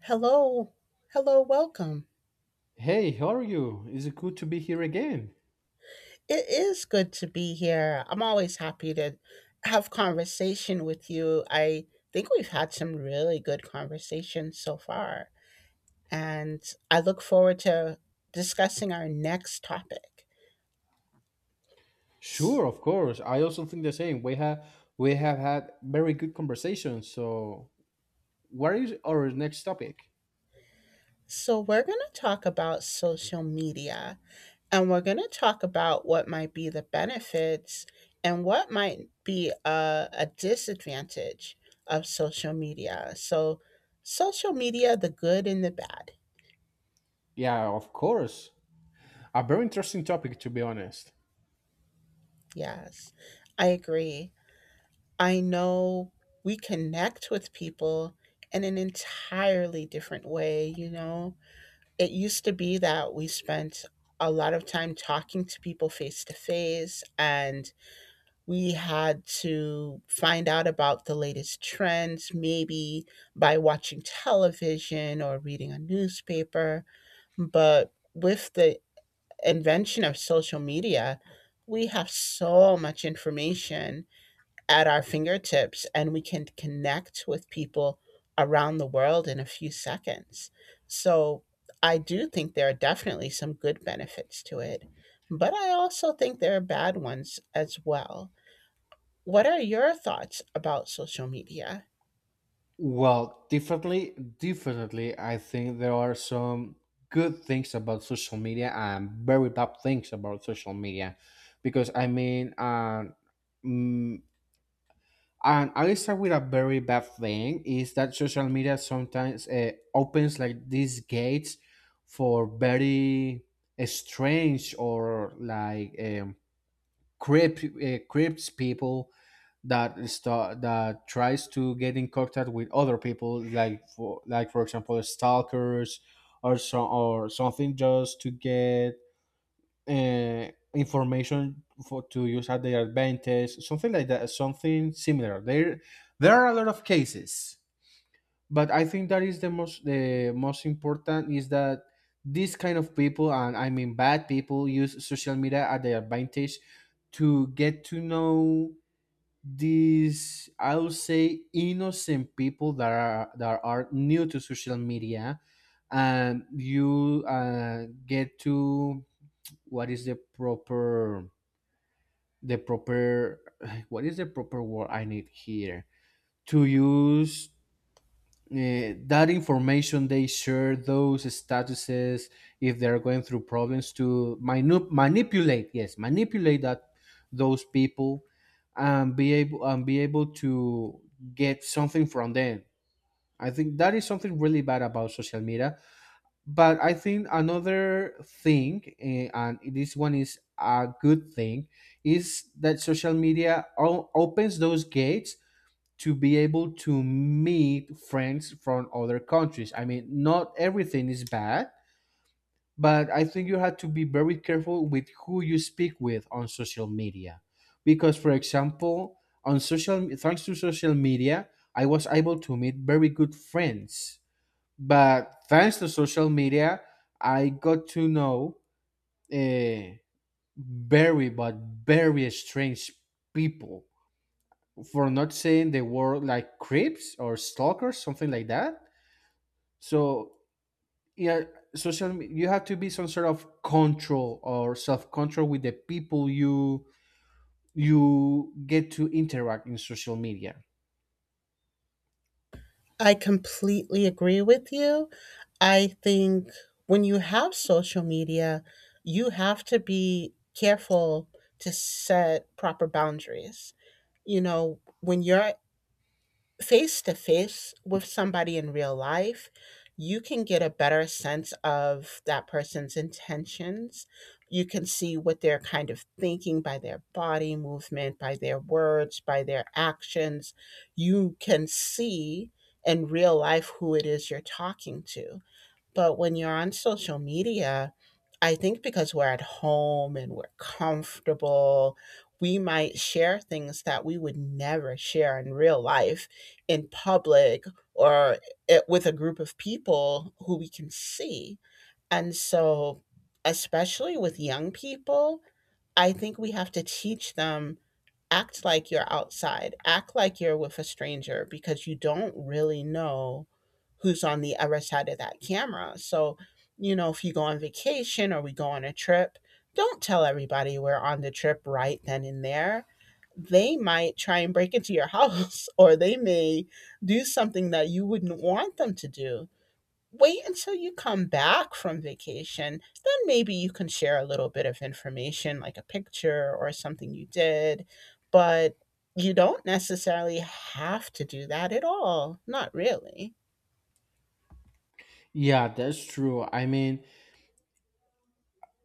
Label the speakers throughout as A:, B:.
A: Hello. Hello, welcome.
B: Hey, how are you? Is it good to be here again?
A: It is good to be here. I'm always happy to have conversation with you. I think we've had some really good conversations so far, and I look forward to discussing our next topic. S-
B: Sure, of course. I also think the same. We have had very good conversations. So, what is our next topic?
A: So, we're going to talk about social media. And we're going to talk about what might be the benefits and what might be a disadvantage of social media. So, social media, the good and the bad.
B: Yeah, of course. A very interesting topic to be honest.
A: Yes, I agree. I know we connect with people in an entirely different way. You know, it used to be that we spent a lot of time talking to people face to face, and we had to find out about the latest trends, maybe by watching television or reading a newspaper. But with the invention of social media, we have so much information at our fingertips, and we can connect with people around the world in a few seconds. So I do think there are definitely some good benefits to it, but I also think there are bad ones as well. What are your thoughts about social media?
B: Well, definitely I think there are some good things about social media and very bad things about social media because mm, and I start with a very bad thing is that social media sometimes opens like these gates for very strange or like creeps people that start that tries to get in contact with other people like for example stalkers or so or something just to get uh, information for to use at their advantage, something like that, something similar. There are a lot of cases, but I think that is the most important is that these kind of people, and I mean bad people, use social media at their advantage to get to know these, I would say, innocent people that are new to social media and you get to, what is the proper the proper what is the proper word I need here to use, that information they share, those statuses, if they're going through problems to manipulate, yes, manipulate that, those people, and be able to get something from them. I think that is something really bad about social media. But I think another thing, and this one is a good thing, is that social media opens those gates to be able to meet friends from other countries. I mean, not everything is bad, but I think you have to be very careful with who you speak with on social media. Because, for example, thanks to social media, I was able to meet very good friends, but thanks to social media I got to know, uh, very, but very strange people, for not saying the word like creeps or stalkers, something like that. So yeah, you have to be some sort of control or self-control with the people you get to interact in social media.
A: I completely agree with you. I think when you have social media, you have to be careful to set proper boundaries. You know, when you're face to face with somebody in real life, you can get a better sense of that person's intentions. You can see what they're kind of thinking by their body movement, by their words, by their actions. You can see in real life who it is you're talking to. But when you're on social media, I think because we're at home and we're comfortable, we might share things that we would never share in real life, in public, or it, with a group of people who we can see. And so, especially with young people, I think we have to teach them, act like you're outside, act like you're with a stranger, because you don't really know who's on the other side of that camera. So, you know, if you go on vacation or we go on a trip, don't tell everybody we're on the trip right then and there. They might try and break into your house or they may do something that you wouldn't want them to do. Wait until you come back from vacation. Then maybe you can share a little bit of information, like a picture or something you did. But you don't necessarily have to do that at all. Not really.
B: Yeah, that's true. I mean,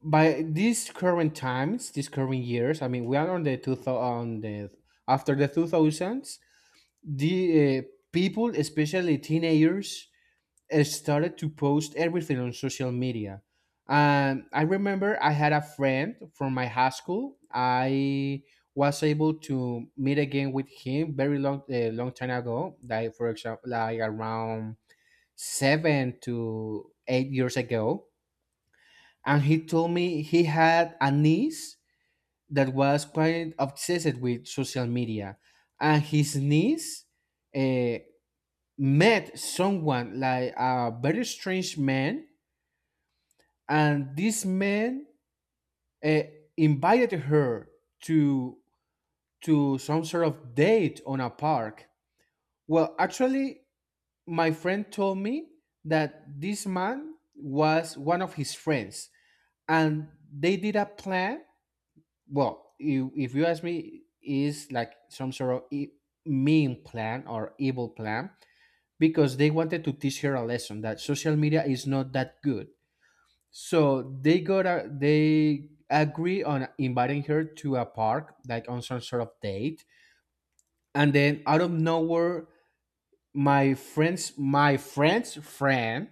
B: by these current times, these current years, I mean, we are on the two thousand, on the after the two thousands, the people, especially teenagers, started to post everything on social media. I remember I had a friend from my high school. I was able to meet again with him very long, long time ago. Like for example, like around 7 to 8 years ago, and he told me he had a niece that was quite obsessed with social media. And his niece, uh, met someone like a very strange man, and this man, uh, invited her to some sort of date on a park. Well, actually, my friend told me that this man was one of his friends, and they did a plan. Well, you, if you ask me, is like some sort of mean plan or evil plan, because they wanted to teach her a lesson that social media is not that good. So they got a, they agree on inviting her to a park like on some sort of date, and then out of nowhere, my friend's friend,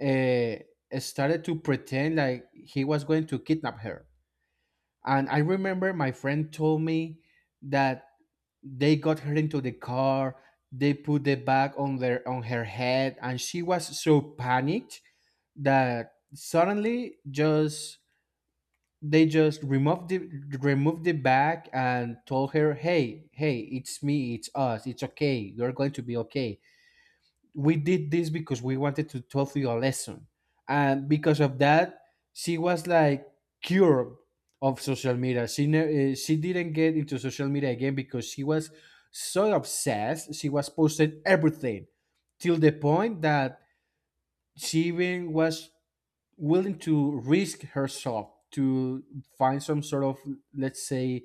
B: uh, started to pretend like he was going to kidnap her. And I remember my friend told me that they got her into the car. They put the bag on their on her head, and she was so panicked that suddenly just they just removed the bag and told her, "Hey, hey, it's me, it's us, it's okay. You're going to be okay. We did this because we wanted to tell you a lesson." And because of that, she was like cured of social media. She didn't get into social media again because she was so obsessed. She was posting everything till the point that she even was willing to risk herself to find some sort of, let's say,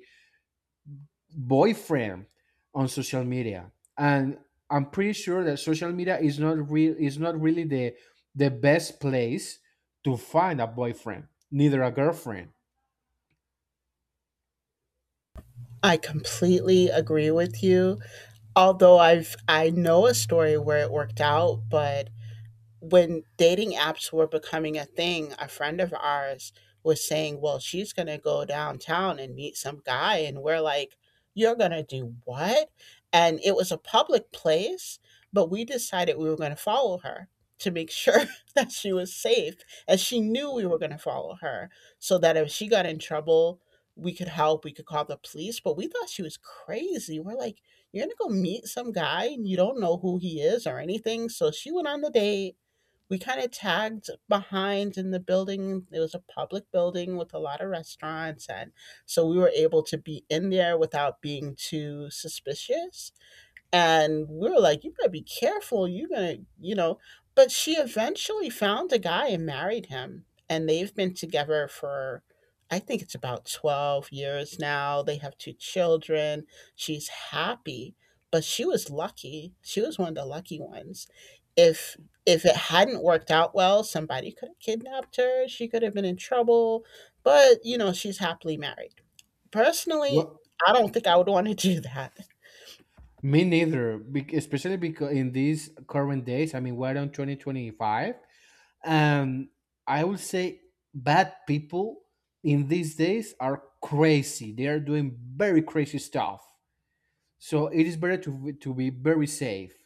B: boyfriend on social media. And I'm pretty sure that social media is not really the best place to find a boyfriend neither a girlfriend.
A: I completely agree with you. Although I know a story where it worked out, but when dating apps were becoming a thing, a friend of ours was saying, "Well, she's going to go downtown and meet some guy." And we're like, "You're going to do what?" And it was a public place, but we decided we were going to follow her to make sure that she was safe. And she knew we were going to follow her, so that if she got in trouble, we could help, we could call the police. But we thought she was crazy. We're like, "You're gonna go meet some guy and you don't know who he is or anything." So she went on the date. We kind of tagged behind in the building. It was a public building with a lot of restaurants. And so we were able to be in there without being too suspicious, and we were like, "You better be careful. You're gonna, you know." But she eventually found a guy and married him, and they've been together for, I think it's about 12 years now. They have two children. She's happy, but she was lucky. She was one of the lucky ones. If if it hadn't worked out well, somebody could have kidnapped her. She could have been in trouble. But you know, she's happily married. Personally,
B: Well,
A: I don't think I would want to do that.
B: me neither, especially because in these current days, I mean, we're on 2025, and I would say bad people in these days are crazy. They are doing very crazy stuff, so it is better to be very safe.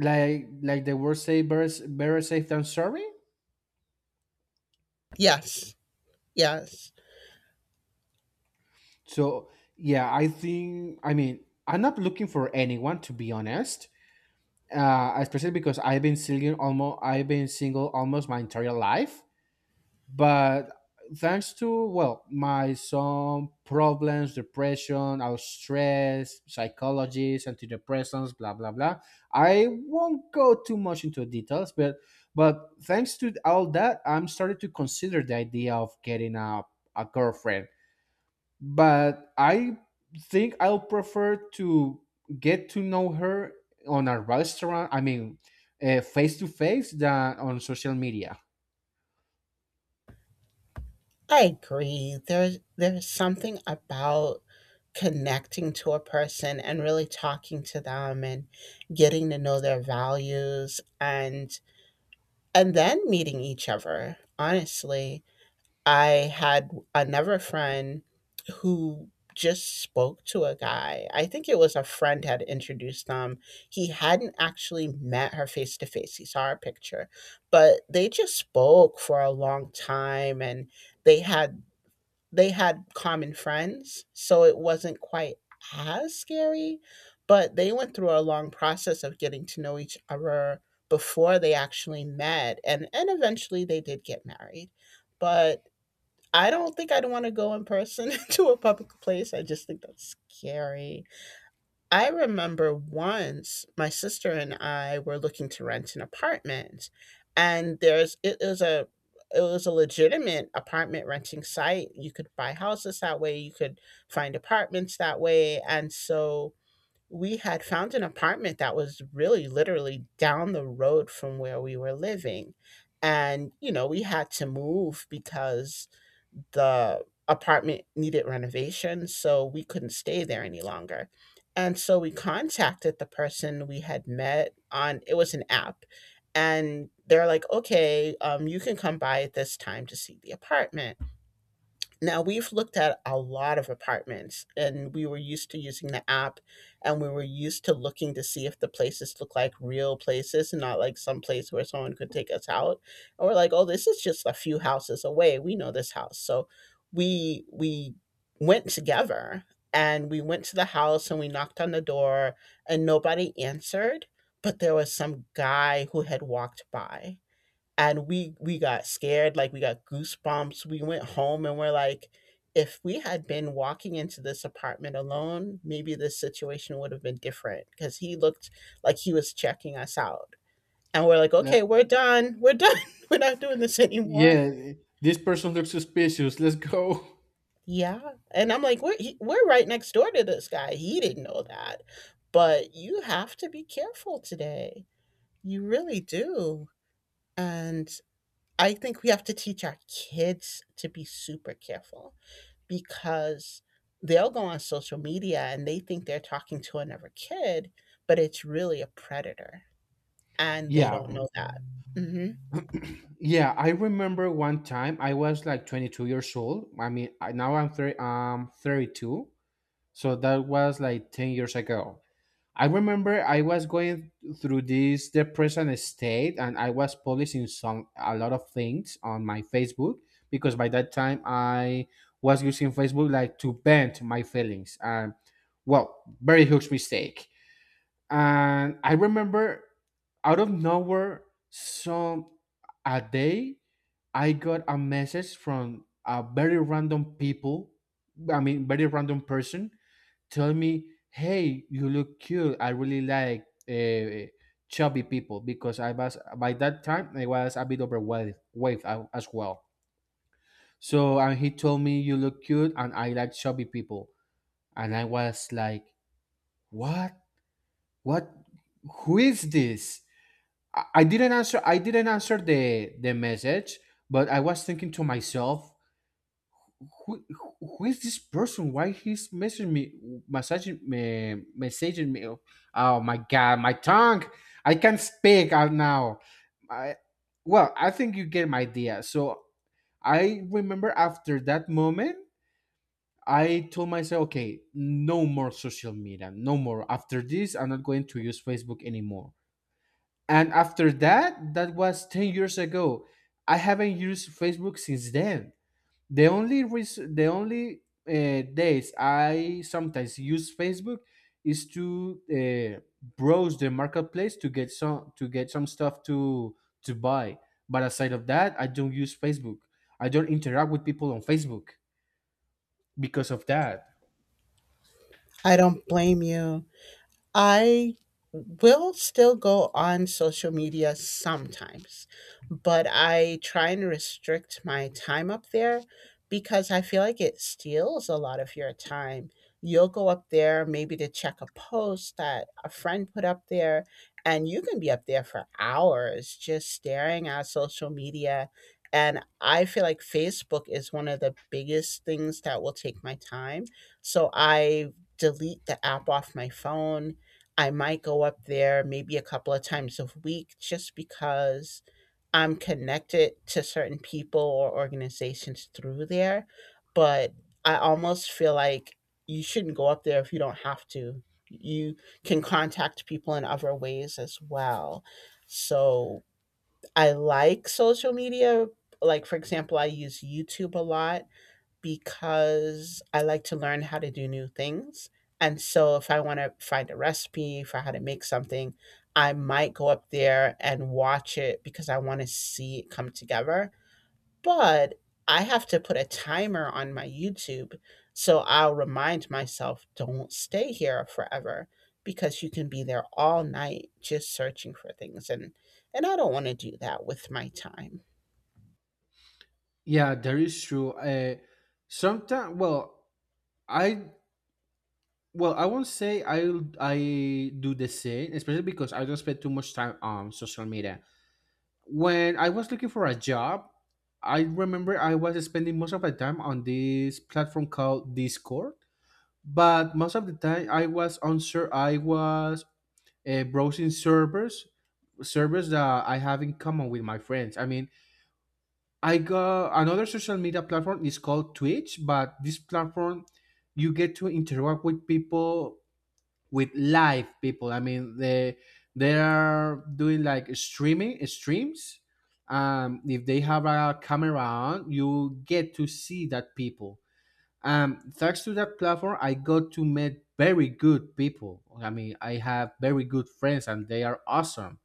B: Like the word say, better, better safe than sorry.
A: Yes. Yes.
B: So yeah, I think, I mean, I'm not looking for anyone to be honest, especially because I've been single almost my entire life. But thanks to, well, my some problems, depression, I was stressed, psychologies, antidepressants, blah blah blah, I won't go too much into details, but thanks to all that, I'm starting to consider the idea of getting a girlfriend. But I think I'll prefer to get to know her on a restaurant. I mean, face to face than on social media.
A: I agree. There's something about connecting to a person and really talking to them and getting to know their values, and then meeting each other. Honestly, I had another friend who just spoke to a guy. I think it was a friend had introduced them. He hadn't actually met her face to face. He saw her picture, but they just spoke for a long time, and they had they had common friends, so it wasn't quite as scary, but they went through a long process of getting to know each other before they actually met, and eventually they did get married. But I don't think I'd want to go in person to a public place. I just think that's scary. I remember once my sister and I were looking to rent an apartment, and there's it is a it was a legitimate apartment renting site. You could buy houses that way, you could find apartments that way, and so we had found an apartment that was really literally down the road from where we were living. And you know, we had to move because the apartment needed renovation, so we couldn't stay there any longer. And so we contacted the person we had met on, it was an app. And they're like, "Okay, you can come by at this time to see the apartment." Now, we've looked at a lot of apartments and we were used to using the app, and we were used to looking to see if the places look like real places and not like some place where someone could take us out. And we're like, "Oh, this is just a few houses away. We know this house." So we went together, and we went to the house and we knocked on the door, and nobody answered, but there was some guy who had walked by, and we got scared, like we got goosebumps. We went home and we're like, if we had been walking into this apartment alone, maybe this situation would have been different, because he looked like he was checking us out. And we're like,
B: Le-
A: "Okay, we're done, we're not doing this anymore."
B: yeah, this person looks suspicious. Let's go.
A: Yeah, and I'm like, we're right next door to this guy, he didn't know that. But you have to be careful today, you really do. And I think we have to teach our kids to be super careful, because they'll go on social media and they think they're talking to another kid, but it's really a predator and they
B: Yeah,
A: don't know that. Mhm.
B: yeah. I remember one time I was like 22 years old. I mean, I, now I'm 32, so that was like 10 years ago. I remember I was going through this depression state and I was publishing some a lot of things on my Facebook because by that time I was using Facebook like to vent my feelings and, well, very huge mistake. And I remember out of nowhere, some a day I got a message from a very random people, I mean very random person, tell me, "Hey, you look cute. I really like, chubby people," because I was, by that time I was a bit overweight weight as well. So, and he told me, "You look cute, and I like chubby people." And I was like, "What? What? Who is this?" I didn't answer. I didn't answer the message, but I was thinking to myself, who is this person? Why he's messaging me, messaging me, messaging me? Oh my god, my tongue! I can't speak out now. I, well, I think you get my idea. So I remember after that moment, I told myself, okay, no more social media, no more. After this, I'm not going to use Facebook anymore. And after that, that was 10 years ago. I haven't used Facebook since then. The only reason, the only days I sometimes use Facebook is to browse the marketplace to get some stuff to buy. But aside of that, I don't use Facebook, I don't interact with people on Facebook because of that.
A: I don't blame you. I will still go on social media sometimes, but I try and restrict my time up there because I feel like it steals a lot of your time. You'll go up there maybe to check a post that a friend put up there, and you can be up there for hours just staring at social media. And I feel like Facebook is one of the biggest things that will take my time. So I delete the app off my phone. I might go up there maybe a couple of times a week just because I'm connected to certain people or organizations through there. But I almost feel like you shouldn't go up there if you don't have to. You can contact people in other ways as well. So I like social media. Like, for example, I use YouTube a lot because I like to learn how to do new things. And so if I want to find a recipe for how to make something, I might go up there and watch it because I want to see it come together. But I have to put a timer on my YouTube. So I'll remind myself, don't stay here forever, because you can be there all night just searching for things, and I don't want to do that with my time.
B: Yeah, that is true. Sometimes, well, I, well, I won't say I do the same, especially because I don't spend too much time on social media. When I was looking for a job, I remember I was spending most of my time on this platform called Discord. But most of the time, I was on sur- I was browsing servers, servers that I have in common with my friends. I mean, I got another social media platform is called Twitch, but this platform you get to interact with people, with live people. I mean, they are doing like streaming streams. If they have a camera on, you get to see that people. Thanks to that platform, I got to meet very good people. I mean, I have very good friends, and they are awesome.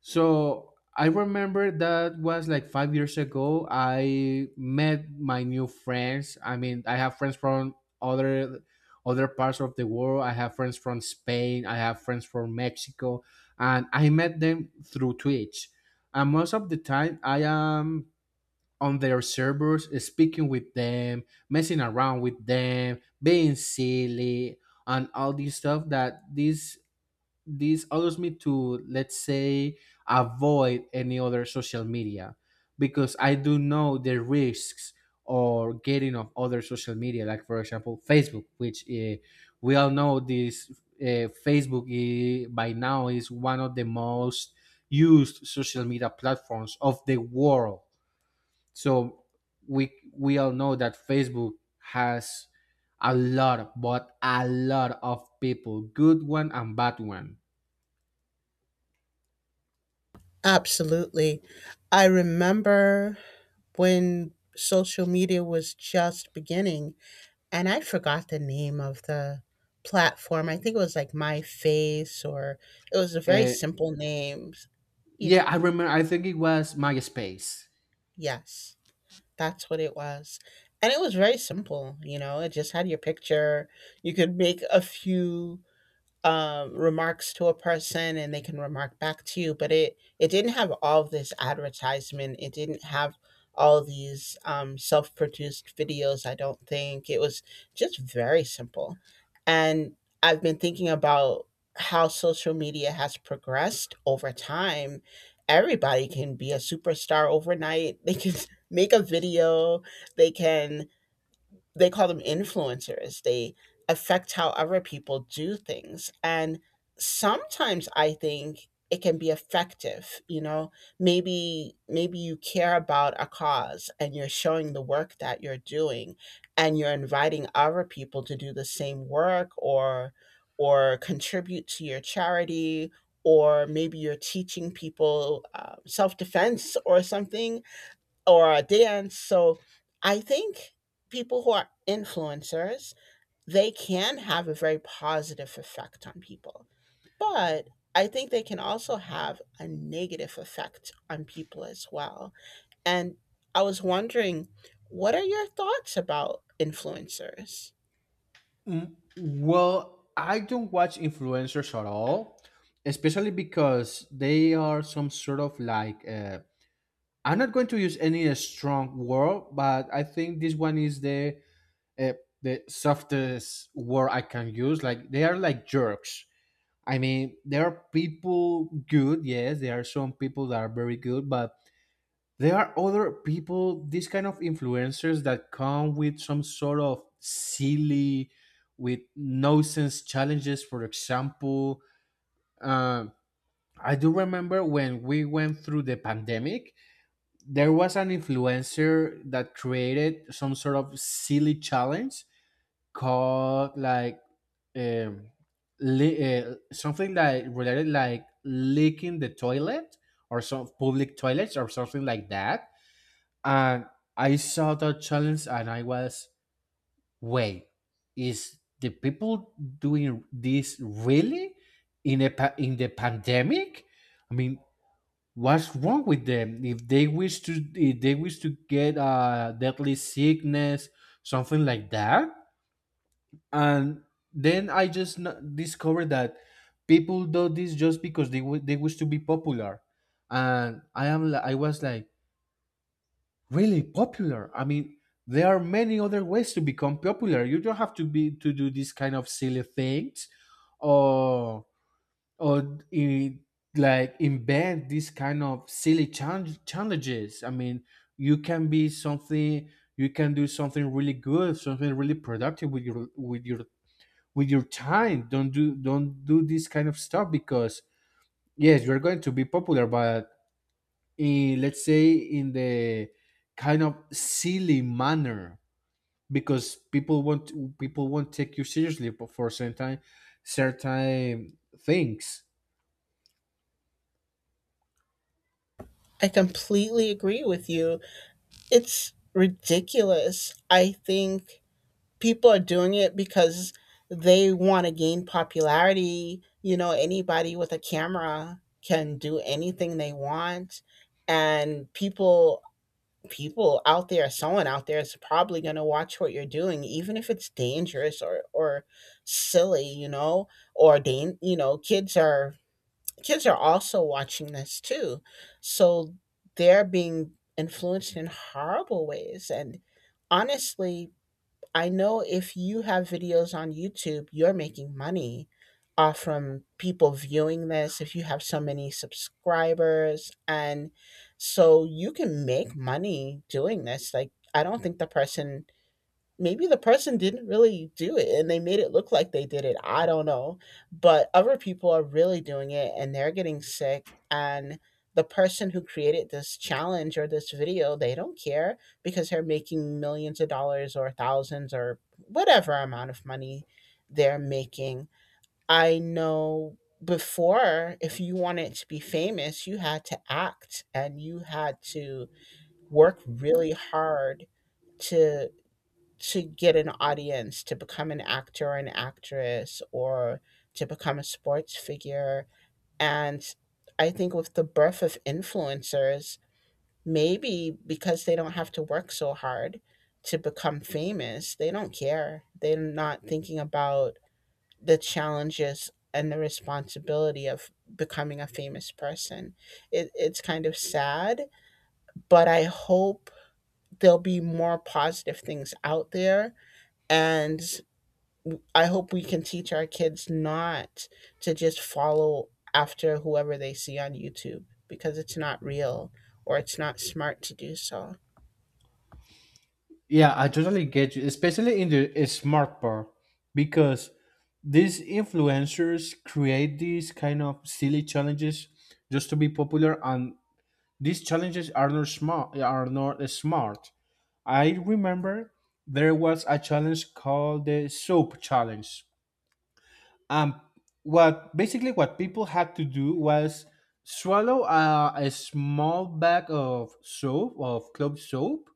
B: So I remember that was like 5 years ago I met my new friends. I mean, I have friends from other parts of the world. I have friends from Spain, I have friends from Mexico, and I met them through Twitch. And most of the time, I am on their servers, speaking with them, messing around with them, being silly, and all this stuff that this allows me to, let's say, avoid any other social media, because I do know the risks or getting of other social media, like for example Facebook, which we all know this. uh, Facebook, by now is one of the most used social media platforms of the world. So we all know that Facebook has a lot, but a lot of people, good one and bad one.
A: Absolutely. I remember when social media was just beginning, and I forgot the name of the platform. I think it was like My Face, or it was a very
B: Eh,
A: simple name. Yeah,
B: Yeah, I remember. I think it was MySpace.
A: yes, that's what it was. And it was very simple, you know, it just had your picture. You could make a few remarks to a person and they can remark back to you. But it didn't have all of this advertisement. It didn't have all of these self produced videos. I don't think it was, just very simple. And I've been thinking about how social media has progressed over time. Everybody can be a superstar overnight. They can make a video. They can they call them influencers. They affect how other people do things. And sometimes I think it can be effective, you know. Maybe maybe you care about a cause and you're showing the work that you're doing, and you're inviting other people to do the same work or contribute to your charity, or maybe you're teaching people self-defense or something, or a dance. So I think people who are influencers, they can have a very positive effect on people. But I think they can also have a negative effect on people as well. And I was wondering, what are your thoughts about influencers?
B: Well, I don't watch influencers at all, especially because they are some sort of like, I'm not going to use any strong word, but I think this one is uh, the softest word I can use. Like they are like jerks. I mean, there are people good, yes. There are some people that are very good, but there are other people, these kind of influencers that come with some sort of silly, with no sense challenges, for example, uh, I do remember when we went through the pandemic, there was an influencer that created some sort of silly challenge called like um, something like related, like licking the toilet or some public toilets or something like that. And I saw that challenge and I was, wait, is the people doing this really in the pandemic? I mean, what's wrong with them? If they wish to get a deadly sickness, something like that. And then I just discovered that people do this just because they wish to be popular, and I was like, really popular? I mean, there are many other ways to become popular. You don't have to be, to do these kind of silly things, or or in, like invent these kind of challenges. I mean, you can be something. You can do something really good, something really productive with your with your with your time. Don't do this kind of stuff because yes, you're going to be popular, but in, let's say, in the kind of silly manner, because people won't take you seriously for certain things.
A: I completely agree with you. It's ridiculous. I think people are doing it because they want to gain popularity. You know, anybody with a camera can do anything they want. And people out there, someone out there is probably gonna watch what you're doing, even if it's dangerous or silly, you know, or you know, kids are also watching this too. So they're being influenced in horrible ways. And honestly, I know if you have videos on YouTube, you're making money off from people viewing this. If you have so many subscribers, and so you can make money doing this. Like, I don't think the person. Maybe the person didn't really do it and they made it look like they did it, I don't know, but other people are really doing it and they're getting sick and the person who created this challenge or this video, they don't care because they're making millions of dollars or thousands or whatever amount of money they're making. I know before if you wanted to be famous, you had to act and you had to work really hard to to get an audience, to become an actor or an actress, or to become a sports figure. And I think with the birth of influencers, maybe because they don't have to work so hard to become famous, they don't care. They're not thinking about the challenges and the responsibility of becoming a famous person. It's kind of sad, but I hope there'll be more positive things out there and I hope we can teach our kids not to just follow after whoever they see on YouTube because it's not real or it's not smart to do so.
B: Yeah, I totally get you, especially in the smart part, because these influencers create these kind of silly challenges just to be popular, and these challenges are not smart. I remember there was a challenge called the soap challenge. um what Basically what people had to do was swallow a small bag of soap, of clove soap,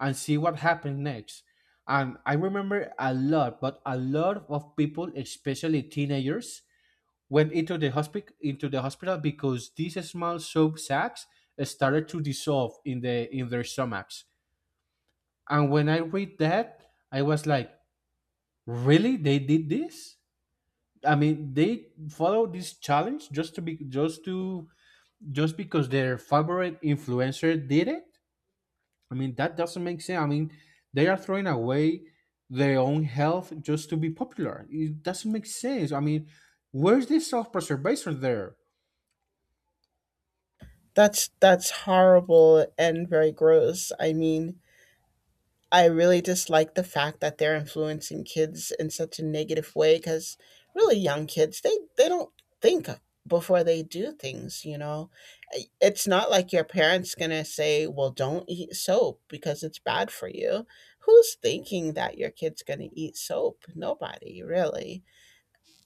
B: and see what happened next. And I remember a lot, but a lot of people, especially teenagers, went into the hospital because these small soap sacks started to dissolve in their stomachs. And when I read that, I was like, really, they did this? I mean, they follow this challenge just because their favorite influencer did it. I mean, that doesn't make sense. I mean, they are throwing away their own health just to be popular. It doesn't make sense. I mean, where's this self preservation there?
A: That's horrible and very gross. I mean, I really dislike the fact that they're influencing kids in such a negative way cuz really young kids they don't think before they do things, you know. It's not like your parents going to say, "Well, don't eat soap because it's bad for you." Who's thinking that your kid's going to eat soap? Nobody, really.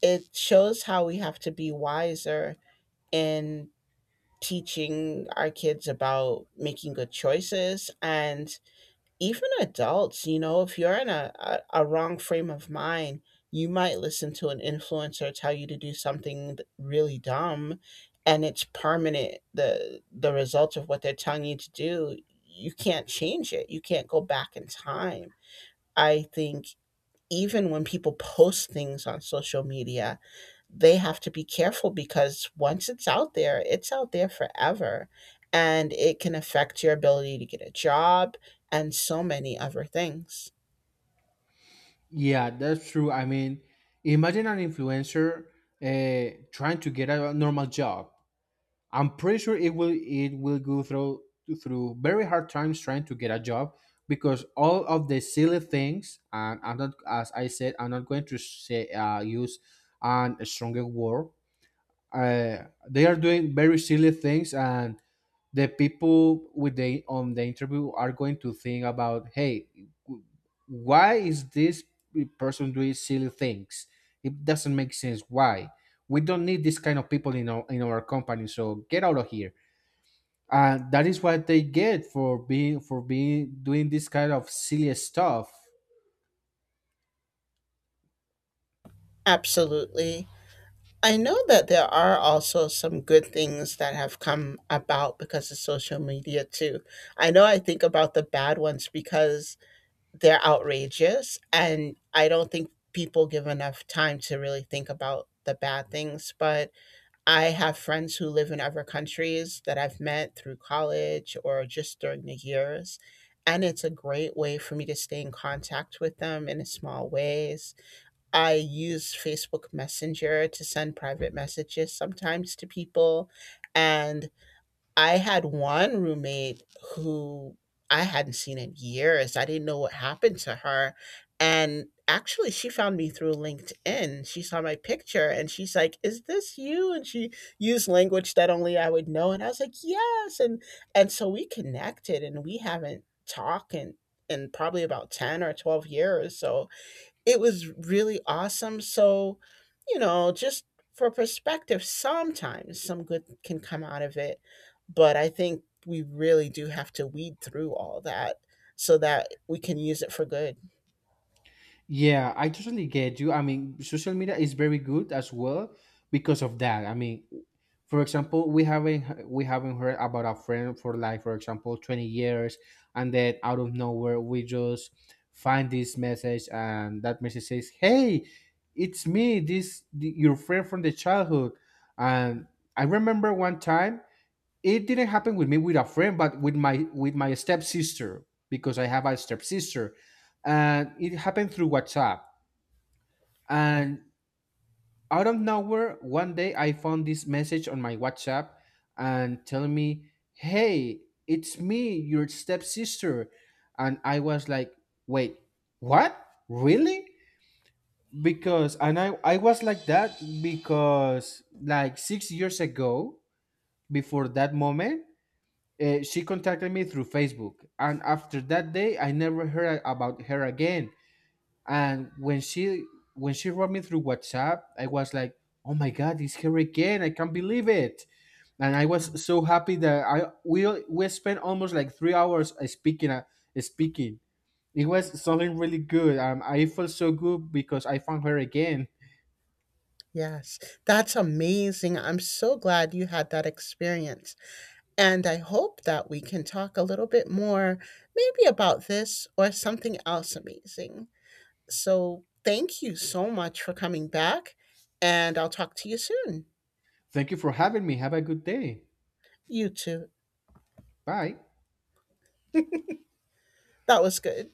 A: It shows how we have to be wiser in teaching our kids about making good choices and even adults, you know, if you're in a wrong frame of mind, you might listen to an influencer tell you to do something really dumb, and it's permanent. The result of what they're telling you to do, you can't change it. You can't go back in time. I think even when people post things on social media, they have to be careful because once it's out there forever, and it can affect your ability to get a job and so many other things.
B: Yeah, that's true. I mean, imagine an influencer trying to get a normal job. I'm pretty sure it will go through, through very hard times trying to get a job because all of the silly things. And I'm not, as I said, I'm not going to say, use an stronger word. They are doing very silly things, and the people with, the on the interview, are going to think about, hey, why is this person doing silly things? It doesn't make sense. Why, we don't need this kind of people in our company, so get out of here. And that is what they get for being doing this kind of silly stuff.
A: Absolutely. I know that there are also some good things that have come about because of social media too. I know I think about the bad ones because they're outrageous and I don't think people give enough time to really think about the bad things, but I have friends who live in other countries that I've met through college or just during the years. And it's a great way for me to stay in contact with them in small ways. I use Facebook Messenger to send private messages sometimes to people. And I had one roommate who I hadn't seen in years. I didn't know what happened to her. And actually, she found me through LinkedIn. She saw my picture and she's like, "Is this you?" And she used language that only I would know. And I was like, "Yes." And so we connected and we haven't talked in probably about 10 or 12 years. So it was really awesome. So, you know, just for perspective, sometimes some good can come out of it. But I think we really do have to weed through all that so that we can use it for good.
B: Yeah, I totally get you. I mean, social media is very good as well because of that. I mean, for example, we haven't heard about a friend for like, for example, 20 years, and then out of nowhere we just find this message, and that message says, hey, it's me, this your friend from the childhood. And I remember one time, it didn't happen with me with a friend, but with my stepsister, because I have a stepsister, and it happened through WhatsApp.
A: Yeah.
B: And out of nowhere, one day I found this message on my WhatsApp, and telling me, "Hey, it's me, your stepsister," and I was like, "Wait, what? Really?" Because, and I was like that because like 6 years ago, before that moment, she contacted me through Facebook, and after that day, I never heard about her again. And when she wrote me through WhatsApp, I was like, "Oh my God, it's her again! I can't believe it!" And I
A: Wow.
B: was so happy that I we spent almost like 3 hours speaking. It was something really good. I felt so good because I found her again.
A: Yes. That's amazing. I'm so glad you had that experience. And I hope that we can talk a little bit more, maybe about this or something else amazing. So thank you so much for coming back, and I'll talk to you soon.
B: Thank you for having me. Have a good day.
A: You too.
B: Bye.
A: That was good.